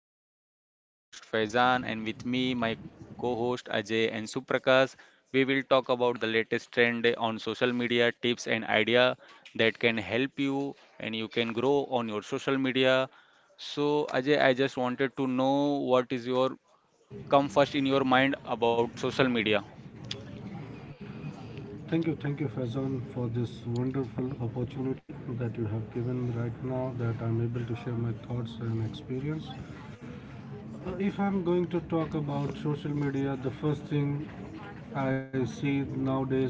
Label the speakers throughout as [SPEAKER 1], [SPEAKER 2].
[SPEAKER 1] to my podcast. I'm your host Faizan, and with me, my co host Ajay and Suprakash. We will talk about the latest trend on social media, tips and idea that can help you and you can grow on your social media. So, Ajay, I just wanted to know what is your come first in your mind about social media.
[SPEAKER 2] Thank you, Faizan, for this wonderful opportunity that you have given me right now that I'm able to share my thoughts and experience. If I'm going to talk about social media, the first thing I see nowadays,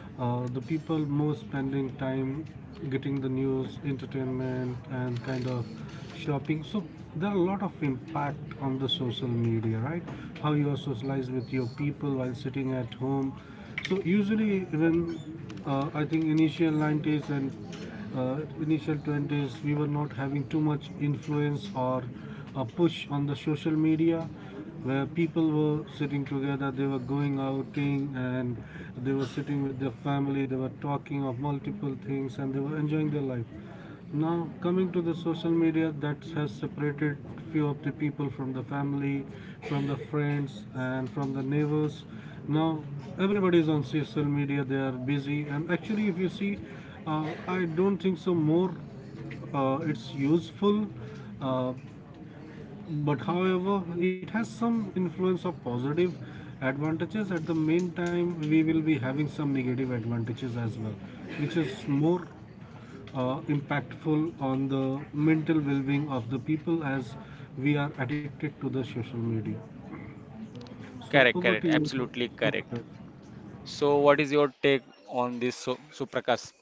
[SPEAKER 2] the people more spending time getting the news, entertainment, and kind of shopping. So there are a lot of impact on the social media, right? How you are socialized with your people while sitting at home. So usually when, I think initial 90s and uh, initial 20s, we were not having too much influence or a push on the social media, where people were sitting together, they were going outing, and they were sitting with their family, they were talking of multiple things, and they were enjoying their life. Now, coming to the social media, that has separated few of the people from the family, from the friends, and from the neighbors. Now, everybody is on social media, they are busy, and actually, if you see, I don't think so more it's useful, uh, but however, it has some influence of positive advantages. At the main time, we will be having some negative advantages as well, which is more impactful on the mental well-being of the people as we are addicted to the social media. So
[SPEAKER 1] Correct,
[SPEAKER 2] over to
[SPEAKER 1] correct,
[SPEAKER 2] you,
[SPEAKER 1] absolutely correct.
[SPEAKER 2] Suprakash.
[SPEAKER 1] So, what is your take on this, Suprakash?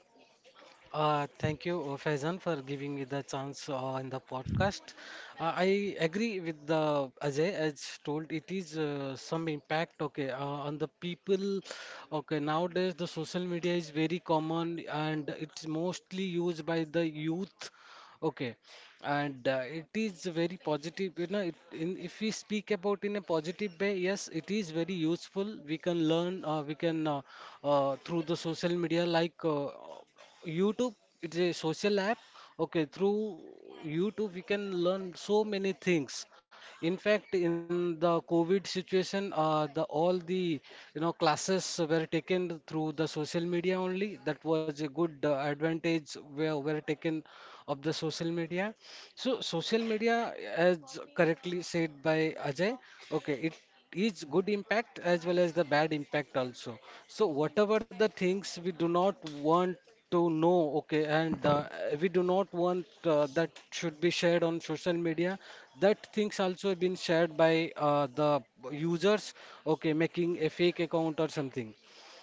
[SPEAKER 3] Thank you, Faizan, for giving me the chance in the podcast. I agree with the Ajay as told. It is some impact, okay, on the people. Okay, nowadays the social media is very common and it's mostly used by the youth. Okay, and it is very positive. You know, if we speak about in a positive way, yes, it is very useful. We can learn. We can through the social media like YouTube, it's a social app. Okay, through YouTube we can learn so many things. In fact, in the COVID situation, the all the you know classes were taken through the social media only. That was a good advantage were taken of the social media. So social media, as correctly said by Ajay, okay, it is good impact as well as the bad impact also. So whatever the things we do not want to know, okay, and we do not want that should be shared on social media, that things also have been shared by the users, okay, making a fake account or something.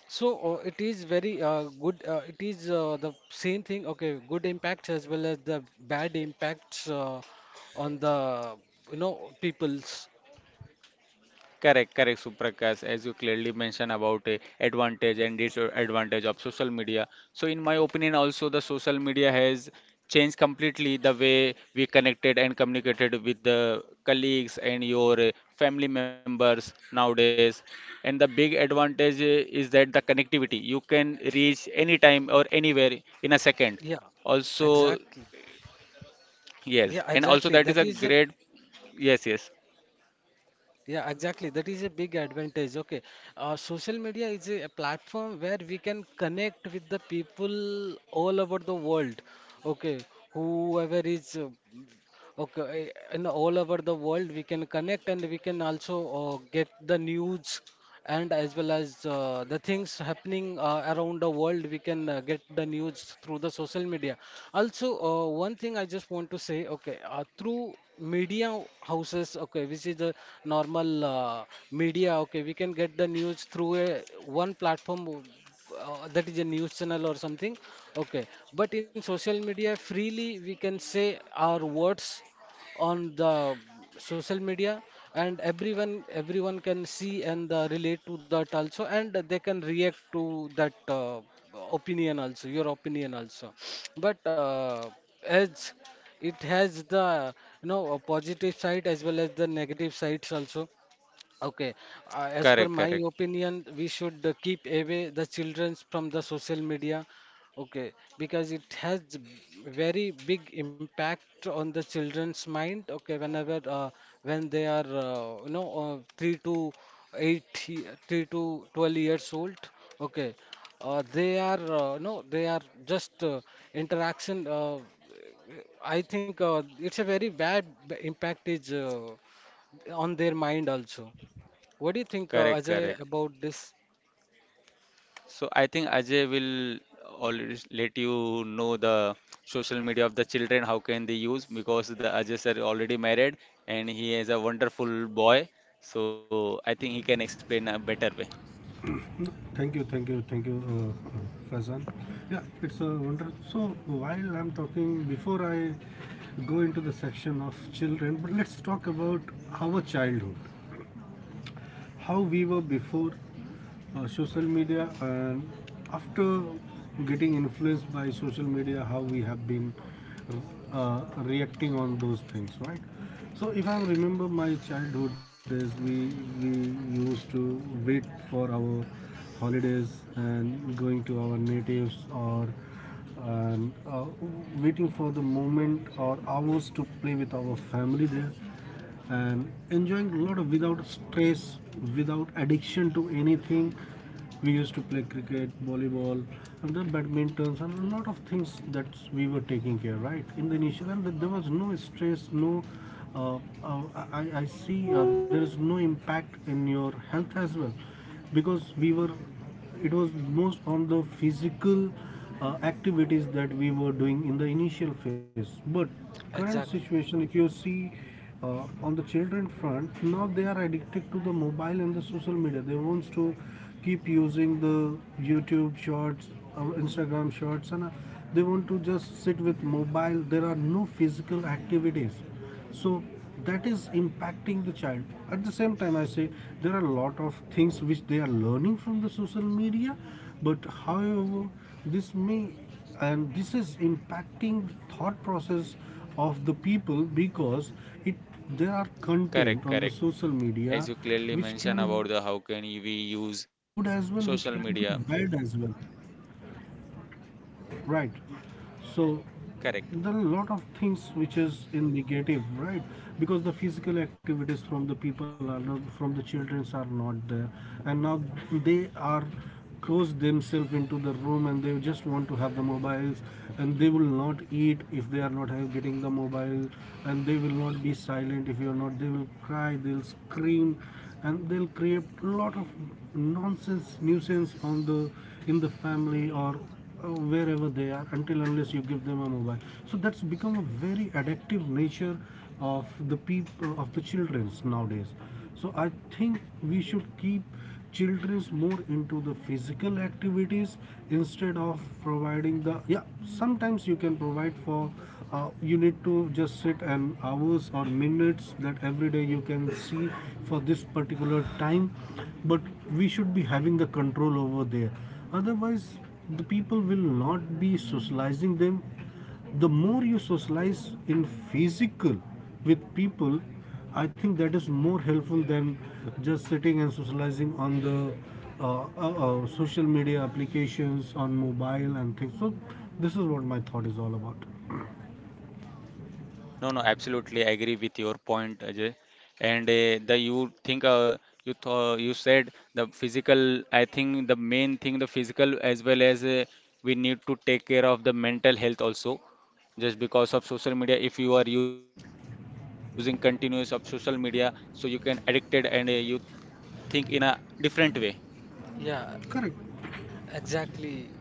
[SPEAKER 3] So it is very good. It is the same thing. Okay, good impacts as well as the bad impacts on the you know people's.
[SPEAKER 1] Correct, correct, Suprakash, as you clearly mentioned about a advantage and disadvantage of social media. So, in my opinion, also the social media has changed completely the way we connected and communicated with the colleagues and your family members nowadays. And the big advantage is that the connectivity, you can reach anytime or anywhere in a second.
[SPEAKER 3] Yeah,
[SPEAKER 1] Also,
[SPEAKER 3] exactly.
[SPEAKER 1] yes,
[SPEAKER 3] Yeah,
[SPEAKER 1] and also
[SPEAKER 3] exactly.
[SPEAKER 1] that is
[SPEAKER 3] That
[SPEAKER 1] a
[SPEAKER 3] is a
[SPEAKER 1] great, yes, yes,
[SPEAKER 3] Yeah, exactly. That is a big advantage. Okay. Social media is a platform where we can connect with the people all over the world. Okay. Whoever is, okay, in all over the world, we can connect and we can also get the news and as well as the things happening around the world we can get the news through the social media also. One thing I just want to say, okay, through media houses, okay, which is the normal media, okay, we can get the news through a one platform, that is a news channel or something, okay, but in social media freely we can say our words on the social media and everyone can see and relate to that also, and they can react to that opinion also, your opinion also, but as it has the you know a positive side as well as the negative sides also. Okay,
[SPEAKER 1] correct,
[SPEAKER 3] as per
[SPEAKER 1] correct,
[SPEAKER 3] my opinion, we should keep away the children from the social media. Okay, because it has very big impact on the children's mind. Okay, whenever when they are you know three to eight, 3 to 12 years old. Okay, they are no, they are just interaction. I think it's a very impact is on their mind also. What do you think,
[SPEAKER 1] correct,
[SPEAKER 3] Ajay,
[SPEAKER 1] correct.
[SPEAKER 3] about this
[SPEAKER 1] So I think Ajay will already let you know the social media of the children, how can they use because the Ajay sir already married and he is a wonderful boy. So I think he can explain a better way.
[SPEAKER 2] Thank you, thank you, thank you, Faizan. Yeah, it's a wonder. So while I'm talking, before I go into the section of children, but let's talk about our childhood. How we were before social media, and after getting influenced by social media, how we have been reacting on those things, right? So if I remember my childhood days, we used to wait for our holidays and going to our natives, or and waiting for the moment or hours to play with our family there, and enjoying a lot of without stress, without addiction to anything. We used to play cricket, volleyball, and the badmintons, and a lot of things that we were taking care, right, in the initial. And that there was no stress, no uh, uh, I see, there is no impact in your health as well, because we were, it was most on the physical activities that we were doing in the initial phase. But current
[SPEAKER 3] exactly?
[SPEAKER 2] situation, if you see, on the children front, now they are addicted to the mobile and the social media. They wants to keep using the YouTube shorts or Instagram shorts, and they want to just sit with mobile. There are no physical activities, so that is impacting the child. At the same time, I say there are a lot of things which they are learning from the social media, but however, this may, and this is impacting the thought process of the people, because it, there are content
[SPEAKER 1] Correct,
[SPEAKER 2] on the
[SPEAKER 1] correct.
[SPEAKER 2] social media
[SPEAKER 1] As you clearly
[SPEAKER 2] which
[SPEAKER 1] mentioned
[SPEAKER 2] can be
[SPEAKER 1] about the how can we use
[SPEAKER 2] good as
[SPEAKER 1] uh,
[SPEAKER 2] well, which can be
[SPEAKER 1] social
[SPEAKER 2] bad
[SPEAKER 1] media.
[SPEAKER 2] as well, right? So
[SPEAKER 1] Correct.
[SPEAKER 2] there are a lot of things which is in negative, right? Because the physical activities from the people are not, from the childrens are not there. And now they are closed themselves into the room, and they just want to have the mobiles. And they will not eat if they are not have, getting the mobile. And they will not be silent if you are not, they will cry, they'll scream, and they'll create a lot of nonsense nuisance on the, in the family, or wherever they are, until unless you give them a mobile. So that's become a very addictive nature of the people, of the children's nowadays. So I think we should keep children's more into the physical activities, instead of providing the, yeah, sometimes you can provide for, you need to just sit and hours or minutes that every day you can see for this particular time. But we should be having the control over there, otherwise the people will not be socializing them. The more you socialize in physical with people, I think that is more helpful than just sitting and socializing on the social media applications on mobile and things. So this is what my thought is all about.
[SPEAKER 1] No, no, absolutely I agree with your point, Ajay. And the you think you said the physical. I think the main thing the physical as well as we need to take care of the mental health also. Just because of social media, if you are using continuous of social media, so you can addicted and you think in a different way.
[SPEAKER 3] Yeah,
[SPEAKER 2] Correct.
[SPEAKER 3] exactly.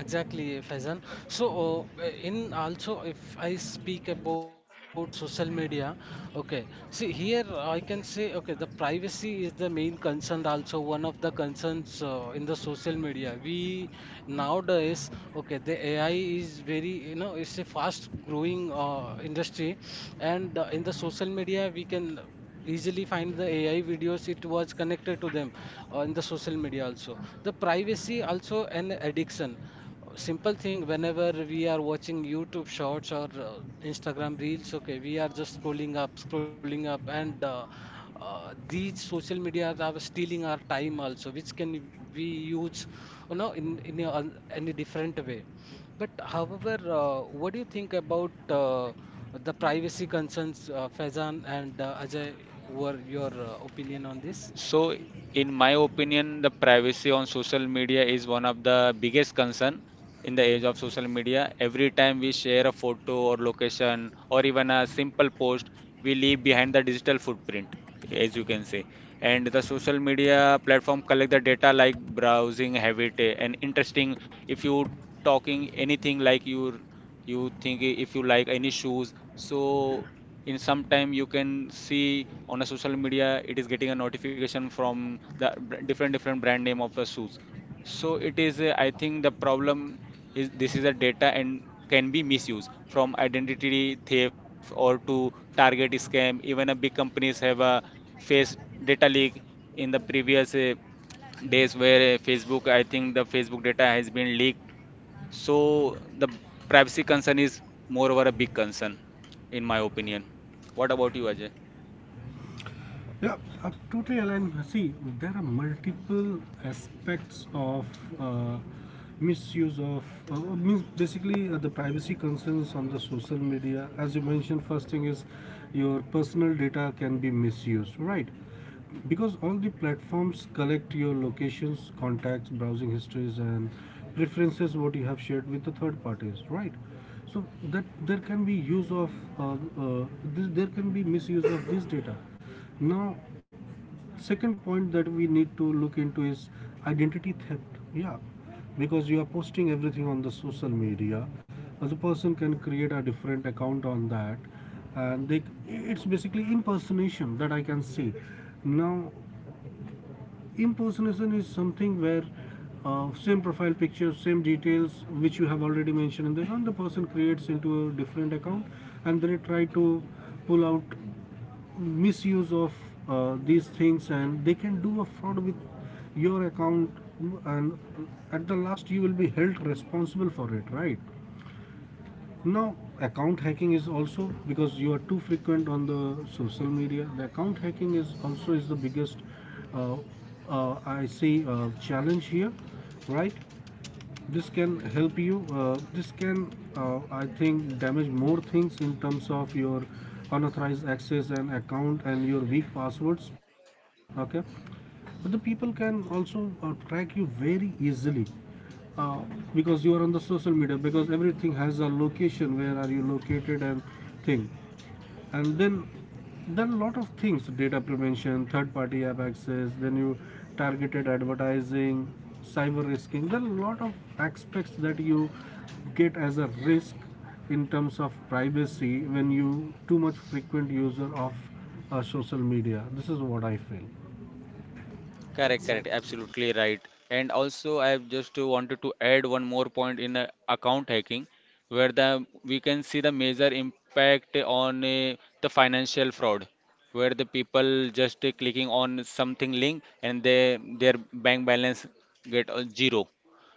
[SPEAKER 3] Exactly, Faizan. So, if I speak about the social media, okay, see here I can say, okay, the privacy is the main concern, also one of the concerns in the social media. We nowadays, okay, the AI is very, you know, it's a fast growing industry, and in the social media, we can easily find the AI videos, it was connected to them in the social media also. The privacy also an addiction. Simple thing, whenever we are watching YouTube shorts or Instagram reels, okay, we are just scrolling up, and these social media are stealing our time also, which can we use, you know, any different way. But however, what do you think about the privacy concerns, Faizan and Ajay? Were your opinion on this?
[SPEAKER 1] So, in my opinion, the privacy on social media is one of the biggest concern in the age of social media. Every time we share a photo or location or even a simple post, we leave behind the digital footprint, as you can say. And the social media platform collect the data like browsing habit and interesting. If you talking anything like you think if you like any shoes, so in some time you can see on a social media it is getting a notification from the different different brand name of the shoes, so it is a, I think the problem is this is a data and can be misused from identity theft or to target scam, even a big companies have a face data leak in the previous days where Facebook, I think the Facebook data has been leaked. So the privacy concern is more over a big concern, in my opinion. What about you, Ajay?
[SPEAKER 2] Yeah, totally aligned. See, there are multiple aspects of uh, misuse of, means basically the privacy concerns on the social media. As you mentioned, first thing is your personal data can be misused, right? Because all the platforms collect your locations, contacts, browsing histories, and preferences what you have shared with the third parties, right? So that there can be use of uh, uh, there can be misuse of this data. Now, second point that we need to look into is identity theft. Yeah, because you are posting everything on the social media, other person can create a different account on that, and they, it's basically impersonation that I can see. Now, impersonation is something where same profile picture, same details which you have already mentioned in the account, the person creates into a different account, and then they try to pull out misuse of these things, and they can do a fraud with your account, and at the last you will be held responsible for it, right? Now, account hacking is also, because you are too frequent on the social media, the account hacking is also is the biggest uh, I see challenge here, right? This can help you this can I think damage more things in terms of your unauthorized access and account and your weak passwords. Okay, but the people can also track you very easily, uh, because you are on the social media, because everything has a location, where are you located and thing. And then there are a lot of things, data prevention, third party app access, then you targeted advertising, cyber risking. There are a lot of aspects that you get as a risk in terms of privacy when you too much frequent user of social media. This is what I feel.
[SPEAKER 1] Correct, correct,
[SPEAKER 3] Exactly,
[SPEAKER 1] absolutely right. And also, I have just wanted to add one more point in account hacking, where the we can see the major impact on the financial fraud, where the people just clicking on something link and they their bank balance get zero.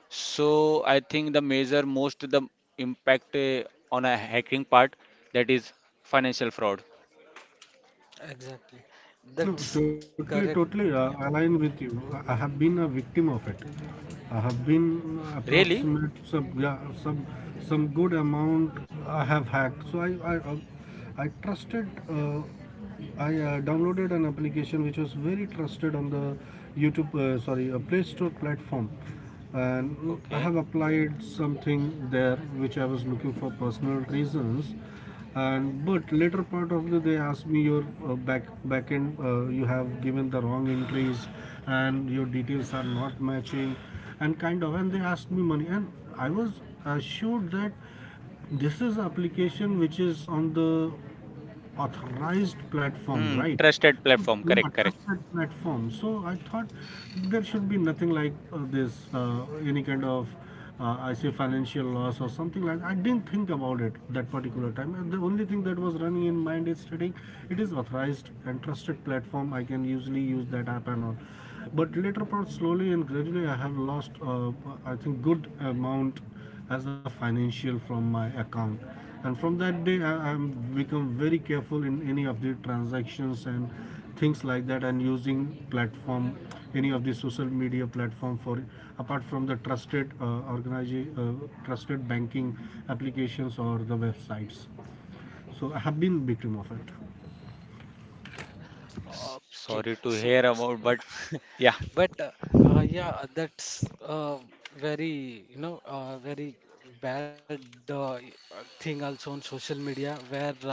[SPEAKER 1] So I think the major most the impact on a hacking part, that is financial fraud.
[SPEAKER 3] exactly. That's
[SPEAKER 2] No,
[SPEAKER 3] correct.
[SPEAKER 2] totally,
[SPEAKER 3] Yeah.
[SPEAKER 2] totally align with you. I have been a victim of it. I have been
[SPEAKER 1] Really?
[SPEAKER 2] approximate some, yeah, some good amount I have hacked. So I trusted. I downloaded an application which was very trusted on the YouTube, sorry, Play Store platform, and I
[SPEAKER 1] Okay.
[SPEAKER 2] have applied something there which I was looking for personal reasons. And but later part of the, they asked me your back end, you have given the wrong entries and your details are not matching and kind of, and they asked me money. And I was assured that this is application which is on the authorized platform,
[SPEAKER 1] Hmm,
[SPEAKER 2] right?
[SPEAKER 1] trusted platform.
[SPEAKER 2] A
[SPEAKER 1] Correct, correct.
[SPEAKER 2] trusted platform. So I thought there should be nothing like this, any kind of, I say, financial loss or something like. I didn't think about it that particular time. And the only thing that was running in mind is studying. It is authorized and trusted platform. I can usually use that app and all. But later part, slowly and gradually, I have lost. I think good amount as a financial from my account. And from that day, I, I've become very careful in any of the transactions and things like that, and using platform, any of the social media platform for, apart from the trusted trusted banking applications or the websites. So I have been victim of it.
[SPEAKER 3] Okay. Okay,
[SPEAKER 1] Sorry to
[SPEAKER 3] so
[SPEAKER 1] hear about, but yeah.
[SPEAKER 3] but yeah, that's very you know very bad thing also on social media where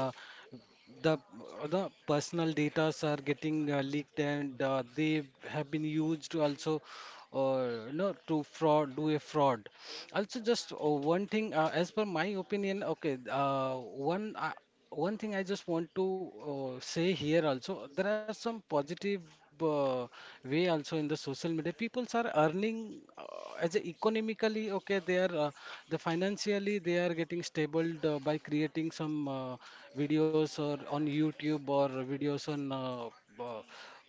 [SPEAKER 3] the the personal data are getting leaked and they have been used to also you know to fraud do a fraud. Also, just one thing, as per my opinion, okay, one thing I just want to say here also, there are some positive way also in the social media. Peoples are earning as a economically, okay, they are the financially they are getting stable by creating some videos or on YouTube or videos on uh,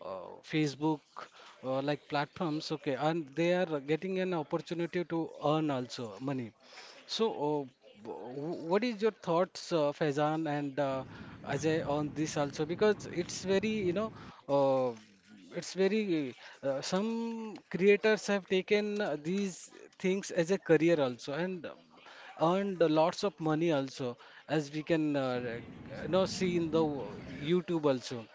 [SPEAKER 3] Facebook like platforms, okay, and they are getting an opportunity to earn also money. So, what is your thoughts, Faizan and Ajay, on this also? Because it's very, you know, uh, it's very, some creators have taken these things as a career also and earned lots of money also, as we can, you know, see in the YouTube also.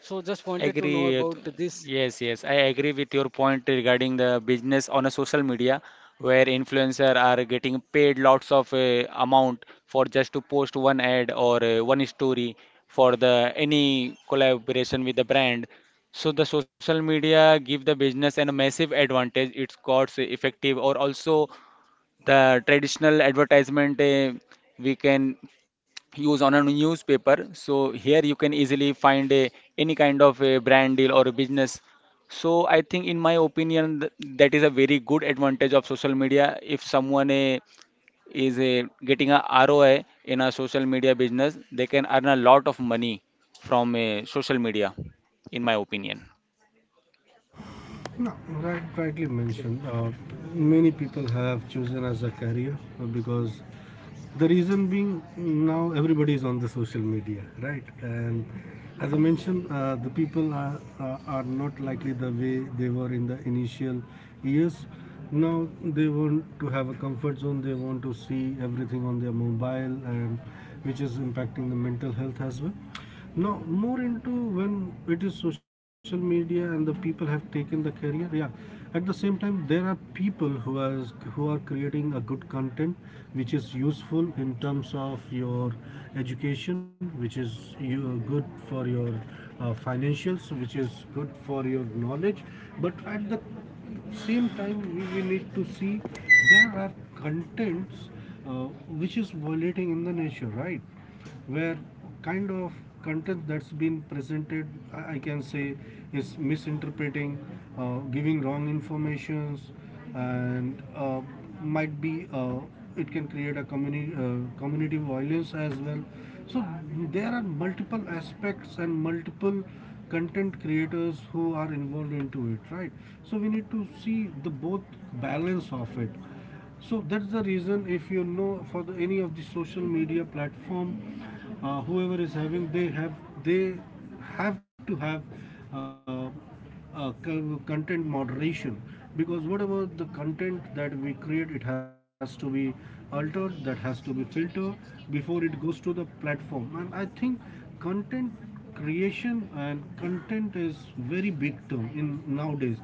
[SPEAKER 3] So just wanted to know
[SPEAKER 1] Agree.
[SPEAKER 3] about
[SPEAKER 1] with-
[SPEAKER 3] this.
[SPEAKER 1] Yes, yes. I agree with your point regarding the business on a social media where influencer are getting paid lots of amount for just to post one ad or one story for the any collaboration with the brand. So the social media give the business an a massive advantage. It's cost effective or also the traditional advertisement we can use on a newspaper. So here you can easily find a, any kind of a brand deal or a business. So I think, in my opinion, that is a very good advantage of social media. If someone is getting a ROI in a social media business, they can earn a lot of money from social media, in my opinion.
[SPEAKER 2] No, right, rightly
[SPEAKER 3] Great.
[SPEAKER 2] mentioned. Many people have chosen as a career, because the reason being now everybody is on the social media, right? And as I mentioned, the people are not likely the way they were in the initial years. Now they want to have a comfort zone, they want to see everything on their mobile, and which is impacting the mental health as well now more into when it is social media and the people have taken the career, yeah. At the same time there are people who are creating a good content which is useful in terms of your education, which is you good for your financials, which is good for your knowledge. But at the same time we need to see there are contents uh, which is violating in the nature, right? Where kind of content that's been presented, I can say, is misinterpreting, giving wrong informations. And might be uh, it can create a community community violence as well. So there are multiple aspects and multiple content creators who are involved into it, right? So we need to see the both balance of it. So that's the reason, if you know, for the any of the social media platform, whoever is having, they have to have uh, uh, content moderation, because whatever the content that we create, it has to be altered, that has to be filtered before it goes to the platform. And I think content creation and content is very big term in nowadays,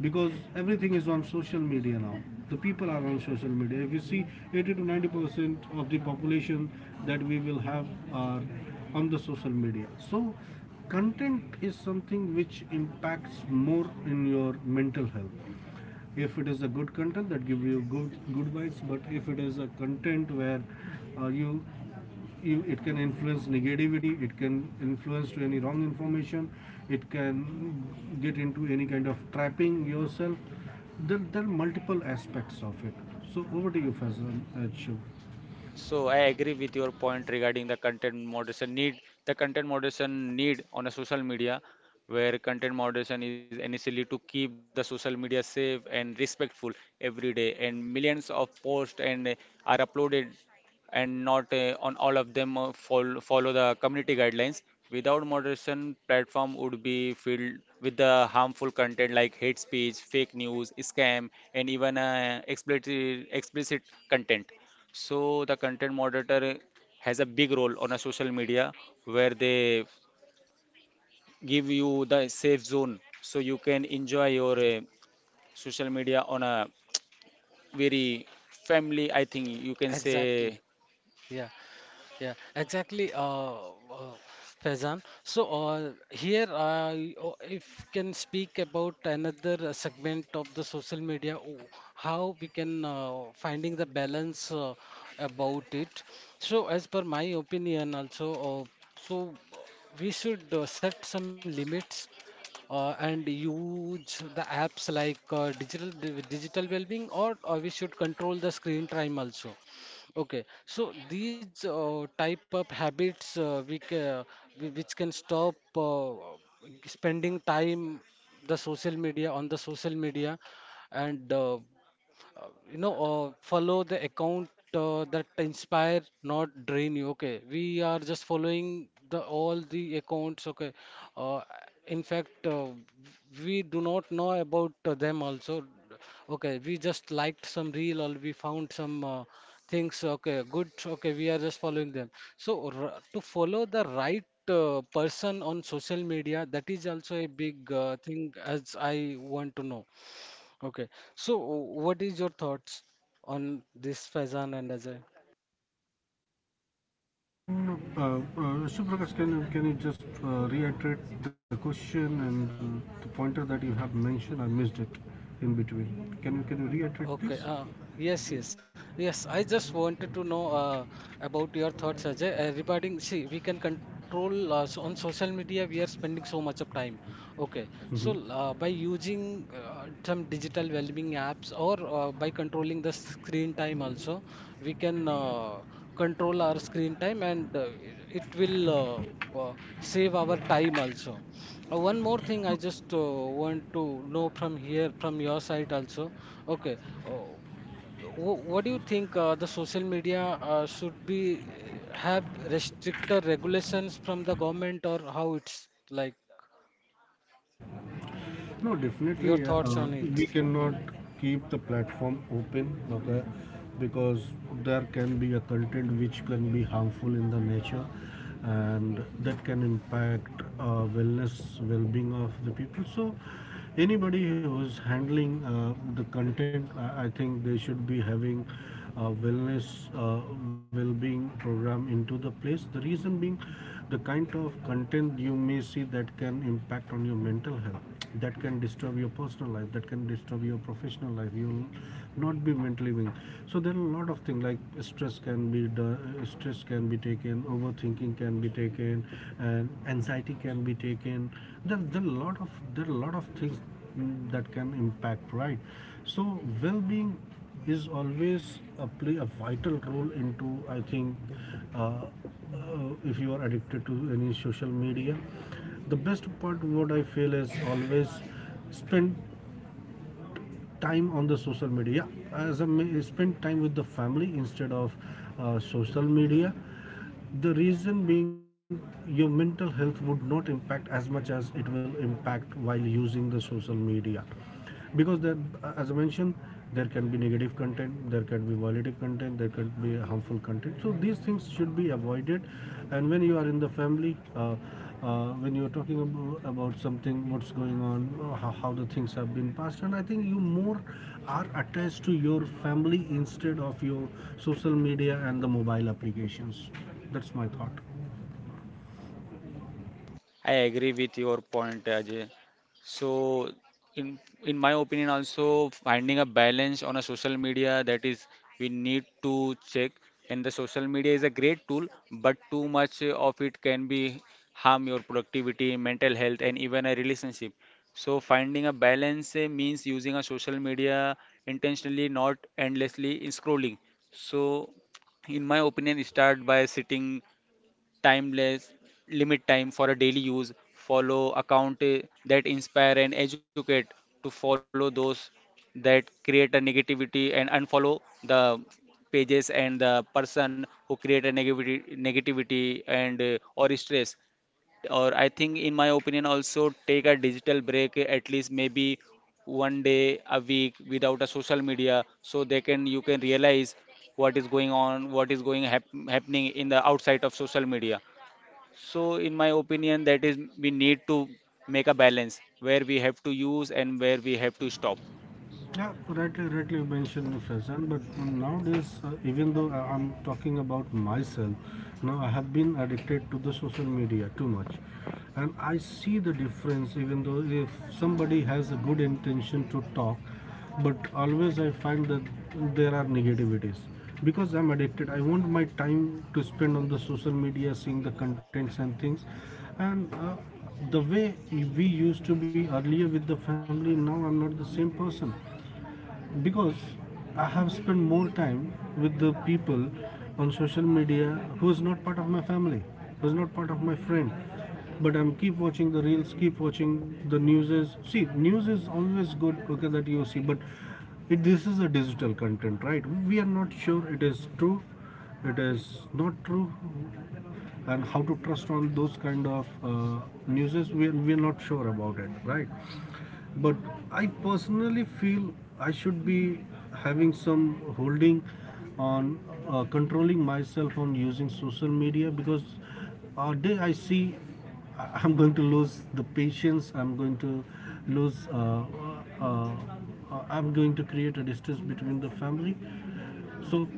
[SPEAKER 2] because everything is on social media now. The people are on social media, if you see 80 to 90% of the population that we will have are on the social media. So content is something which impacts more in your mental health. If it is a good content that gives you good good vibes, but if it is a content where uh, you it can influence negativity, it can influence to any wrong information, it can get into any kind of trapping yourself. There are multiple aspects of it. So over to you, Fazal and Shiv.
[SPEAKER 1] So I agree with your point regarding the content moderation need. The content moderation need on a social media, where content moderation is initially to keep the social media safe and respectful every day, and millions of posts and are uploaded, and not on all of them follow the community guidelines. Without moderation, platform would be filled with the harmful content like hate speech, fake news, scam, and even explicit content. So the content moderator has a big role on a social media, where they give you the safe zone so you can enjoy your social media on a very family, I think you can
[SPEAKER 3] Exactly.
[SPEAKER 1] say.
[SPEAKER 3] Yeah. Yeah, exactly, uh, Faizan. So here, if can speak about another segment of the social media, how we can finding the balance about it. So as per my opinion, also, uh, so uh, we should set some limits and use the apps like digital well-being, or we should control the screen time also. Okay, so these type of habits which can stop spending time the social media on the social media, and you know follow the account that inspire not drain you. Okay, we are just following the all the accounts, okay, uh, in fact we do not know about them also, okay, we just liked some reel or we found some things, okay, good, okay, we are just following them. So r to follow the right person on social media, that is also a big thing, as I want to know. Okay. So, what is your thoughts on this, Faizan and Ajay?
[SPEAKER 2] No, Shiv Prakash, can you just reiterate the question and the pointer that you have mentioned? I missed it in between. Can you reiterate, please?
[SPEAKER 3] Okay. Yes, yes, yes. I just wanted to know about your thoughts, Ajay, regarding. See, we can control so on social media. We are spending so much of time. Okay.
[SPEAKER 2] Mhm.
[SPEAKER 3] So, by using some digital well-being apps or by controlling the screen time also, we can control our screen time and it will uh, save our time also. One more thing I just want to know from here, from your side also. Okay, uh, what do you think the social media should be have restricted regulations from the government or how it's like?
[SPEAKER 2] No, definitely,
[SPEAKER 3] Your
[SPEAKER 2] yeah.
[SPEAKER 3] thoughts on it?
[SPEAKER 2] We cannot
[SPEAKER 3] Hmm.
[SPEAKER 2] keep the platform open, okay? Because there can be a content which can be harmful in the nature, and that can impact wellness, well-being of the people. So anybody who's handling the content, I think they should be having wellness uh, well-being program into the place. The reason being, the kind of content you may see that can impact on your mental health, that can disturb your personal life, that can disturb your professional life. You'll not be mentally being. So there are a lot of things like stress can be, the stress can be taken, overthinking can be taken, and anxiety can be taken. There are a lot of there are a lot of things, that can impact, right? So well-being is always a play a vital role into, I think. uh, uh, if you are addicted to any social media, the best part what I feel is, always spend time on the social media, as a spend time with the family instead of social media. The reason being, your mental health would not impact as much as it will impact while using the social media, because there, as I mentioned, there can be negative content, there can be violative content, there can be harmful content. So these things should be avoided. And when you are in the family, when you are talking about something what's going on, how the things have been passed. And I think you more are attached to your family instead of your social media and the mobile applications. That's my thought.
[SPEAKER 1] I agree with your point, Ajay. So, in my opinion, also finding a balance on a social media, that is we need to check. And the social media is a great tool, but too much of it can be harm your productivity, mental health, and even a relationship. So, finding a balance means using a social media intentionally, not endlessly in scrolling. So, in my opinion, start by sitting timeless, limit time for a daily use, follow account that inspire and educate, to follow those that create a negativity, and unfollow the pages and the person who create a negativity and or stress, or I think in my opinion also take a digital break at least maybe one day a week without a social media, so they can you can realize what is going on, what is going happening in the outside of social media. So, in my opinion, that is we need to make a balance where we have to use and where we have to stop.
[SPEAKER 2] Yeah, rightly you mentioned, Faizan, but nowadays, even though I'm talking about myself, now I have been addicted to the social media too much. And I see the difference, even though if somebody has a good intention to talk, but always I find that there are negativities. Because I'm addicted, I want my time to spend on the social media, seeing the contents and things. And the way we used to be earlier with the family, now I'm not the same person, because I have spent more time with the people on social media who is not part of my family, who is not part of my friend. But I'm keep watching the reels, keep watching the news. See, news is always good. Okay, that you see, but this is a digital content, right? We are not sure it is true, it is not true, and how to trust on those kind of news. We are not sure about it, right? But I personally feel I should be having some holding on controlling myself on using social media, because a day I see am going to lose the patience. I'm going to lose. Uh, I'm going to create a distance between the family. So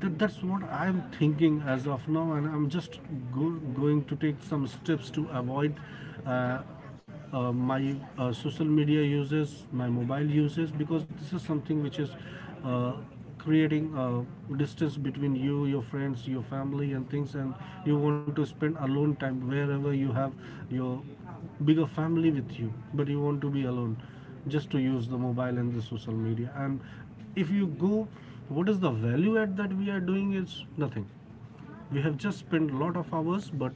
[SPEAKER 2] that's what I'm thinking as of now, and I'm just go, going to take some steps to avoid uh, my social media uses, my mobile uses, because this is something which is uh, creating a distance between you, your friends, your family and things. And you want to spend alone time wherever you have your bigger family with you, but you want to be alone just to use the mobile and the social media. And if you go, what is the value add that we are doing? Is nothing. We have just spent a lot of hours, but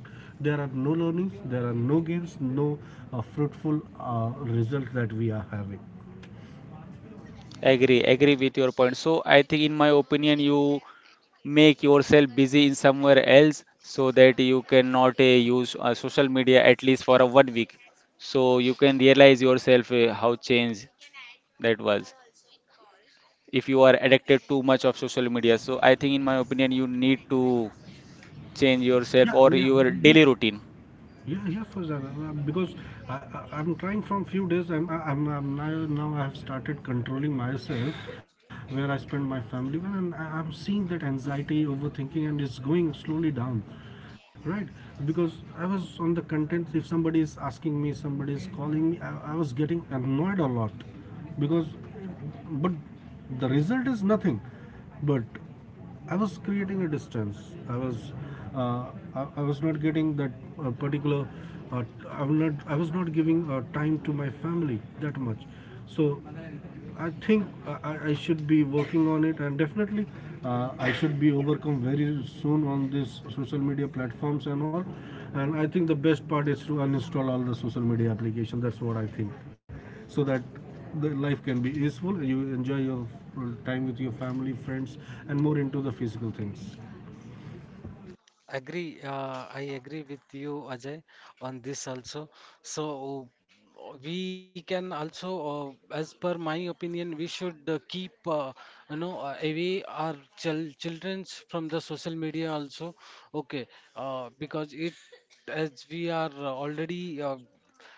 [SPEAKER 2] there are no learnings, there are no gains, no fruitful result that we are having.
[SPEAKER 1] Agree, agree with your point. So, I think in my opinion, you make yourself busy in somewhere else so that you cannot use social media at least for a 1 week. So you can realize yourself how change that was, if you are addicted too much of social media. So I think in my opinion, you need to change yourself or
[SPEAKER 2] yeah yeah
[SPEAKER 1] your daily
[SPEAKER 2] just
[SPEAKER 1] routine.
[SPEAKER 2] Yeah, yeah, for sure. Because I'm trying from few days. I'm now, now I have started controlling myself, where I spend my family. Well, and I'm seeing that anxiety, overthinking, and it's going slowly down, right? Because I was on the content. If somebody is asking me, somebody is calling me, I was getting annoyed a lot, because, but the result is nothing, but I was creating a distance. I was, uh, I was not getting that particular. Uh, I'm not. I was not giving time to my family that much. So, I think I should be working on it, and definitely, I should be overcome very soon on these social media platforms and all. And I think the best part is to uninstall all the social media application. That's what I think, so that the life can be useful, you enjoy your time with your family, friends, and more into the physical things.
[SPEAKER 3] Agree, I agree with you, Ajay, on this also. So we can also, as per my opinion, we should keep, you know, away our children from the social media also. Okay, because it, as we are already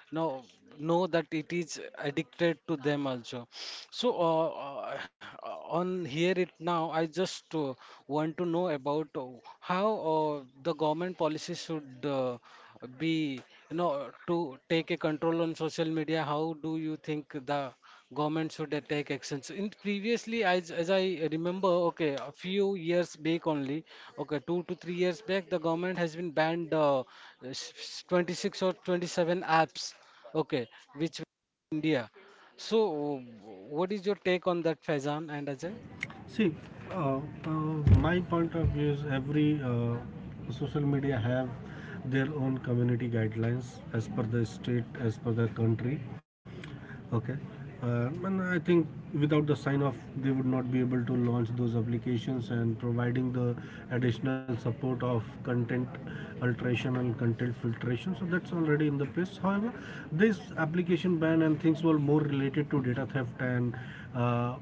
[SPEAKER 3] know know that it is addicted to them also. So, on here it now, I just want to know about how the government policy should be, you know, to take a control on social media. How do you think the government should take actions? In previously, as I remember, okay, a few years back only, okay, 2 to 3 years back, the government has been banned 26 or 27 apps, okay, which India. So, what is your take on that, Faizan and Ajay?
[SPEAKER 2] See, uh, uh, my point of view is, every social media have their own community guidelines, as per the state, as per the country. Okay. And I think without the sign off, they would not be able to launch those applications and providing the additional support of content alteration and content filtration. So that's already in the place. However, this application ban and things were more related to data theft and uh, uh,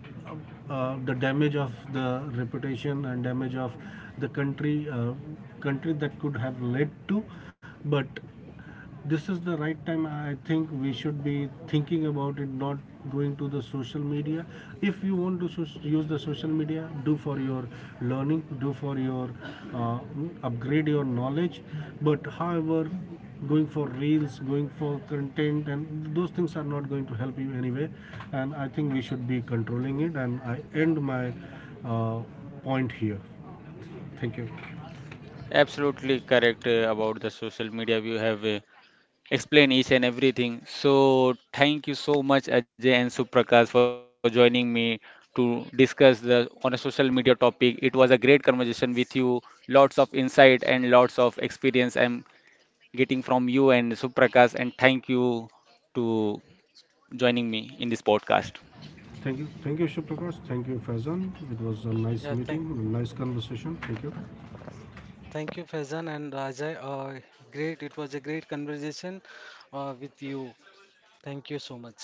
[SPEAKER 2] the damage of the reputation and damage of the country, country, that could have led to. But this is the right time, I think we should be thinking about it, not going to the social media. If you want to use the social media, do for your learning, do for your uh, upgrade your knowledge. But however, going for reels, going for content and those things are not going to help you anyway. And I think we should be controlling it, and I end my uh, point here. Thank you.
[SPEAKER 1] Absolutely correct about the social media. You have explained each and everything. So thank you so much, Ajay and Suprakash, for joining me to discuss the on a social media topic. It was a great conversation with you. Lots of insight and lots of experience I'm getting from you and Suprakash. And thank you to joining me in this podcast.
[SPEAKER 2] Thank you. Thank you, Shubh Prakash. Thank you, Faizan. It was a
[SPEAKER 3] Yeah,
[SPEAKER 2] nice
[SPEAKER 3] thank,
[SPEAKER 2] meeting, nice conversation. Thank you.
[SPEAKER 3] thank you, Faizan and Ajay. Great, it was a great conversation with you. Thank you so much.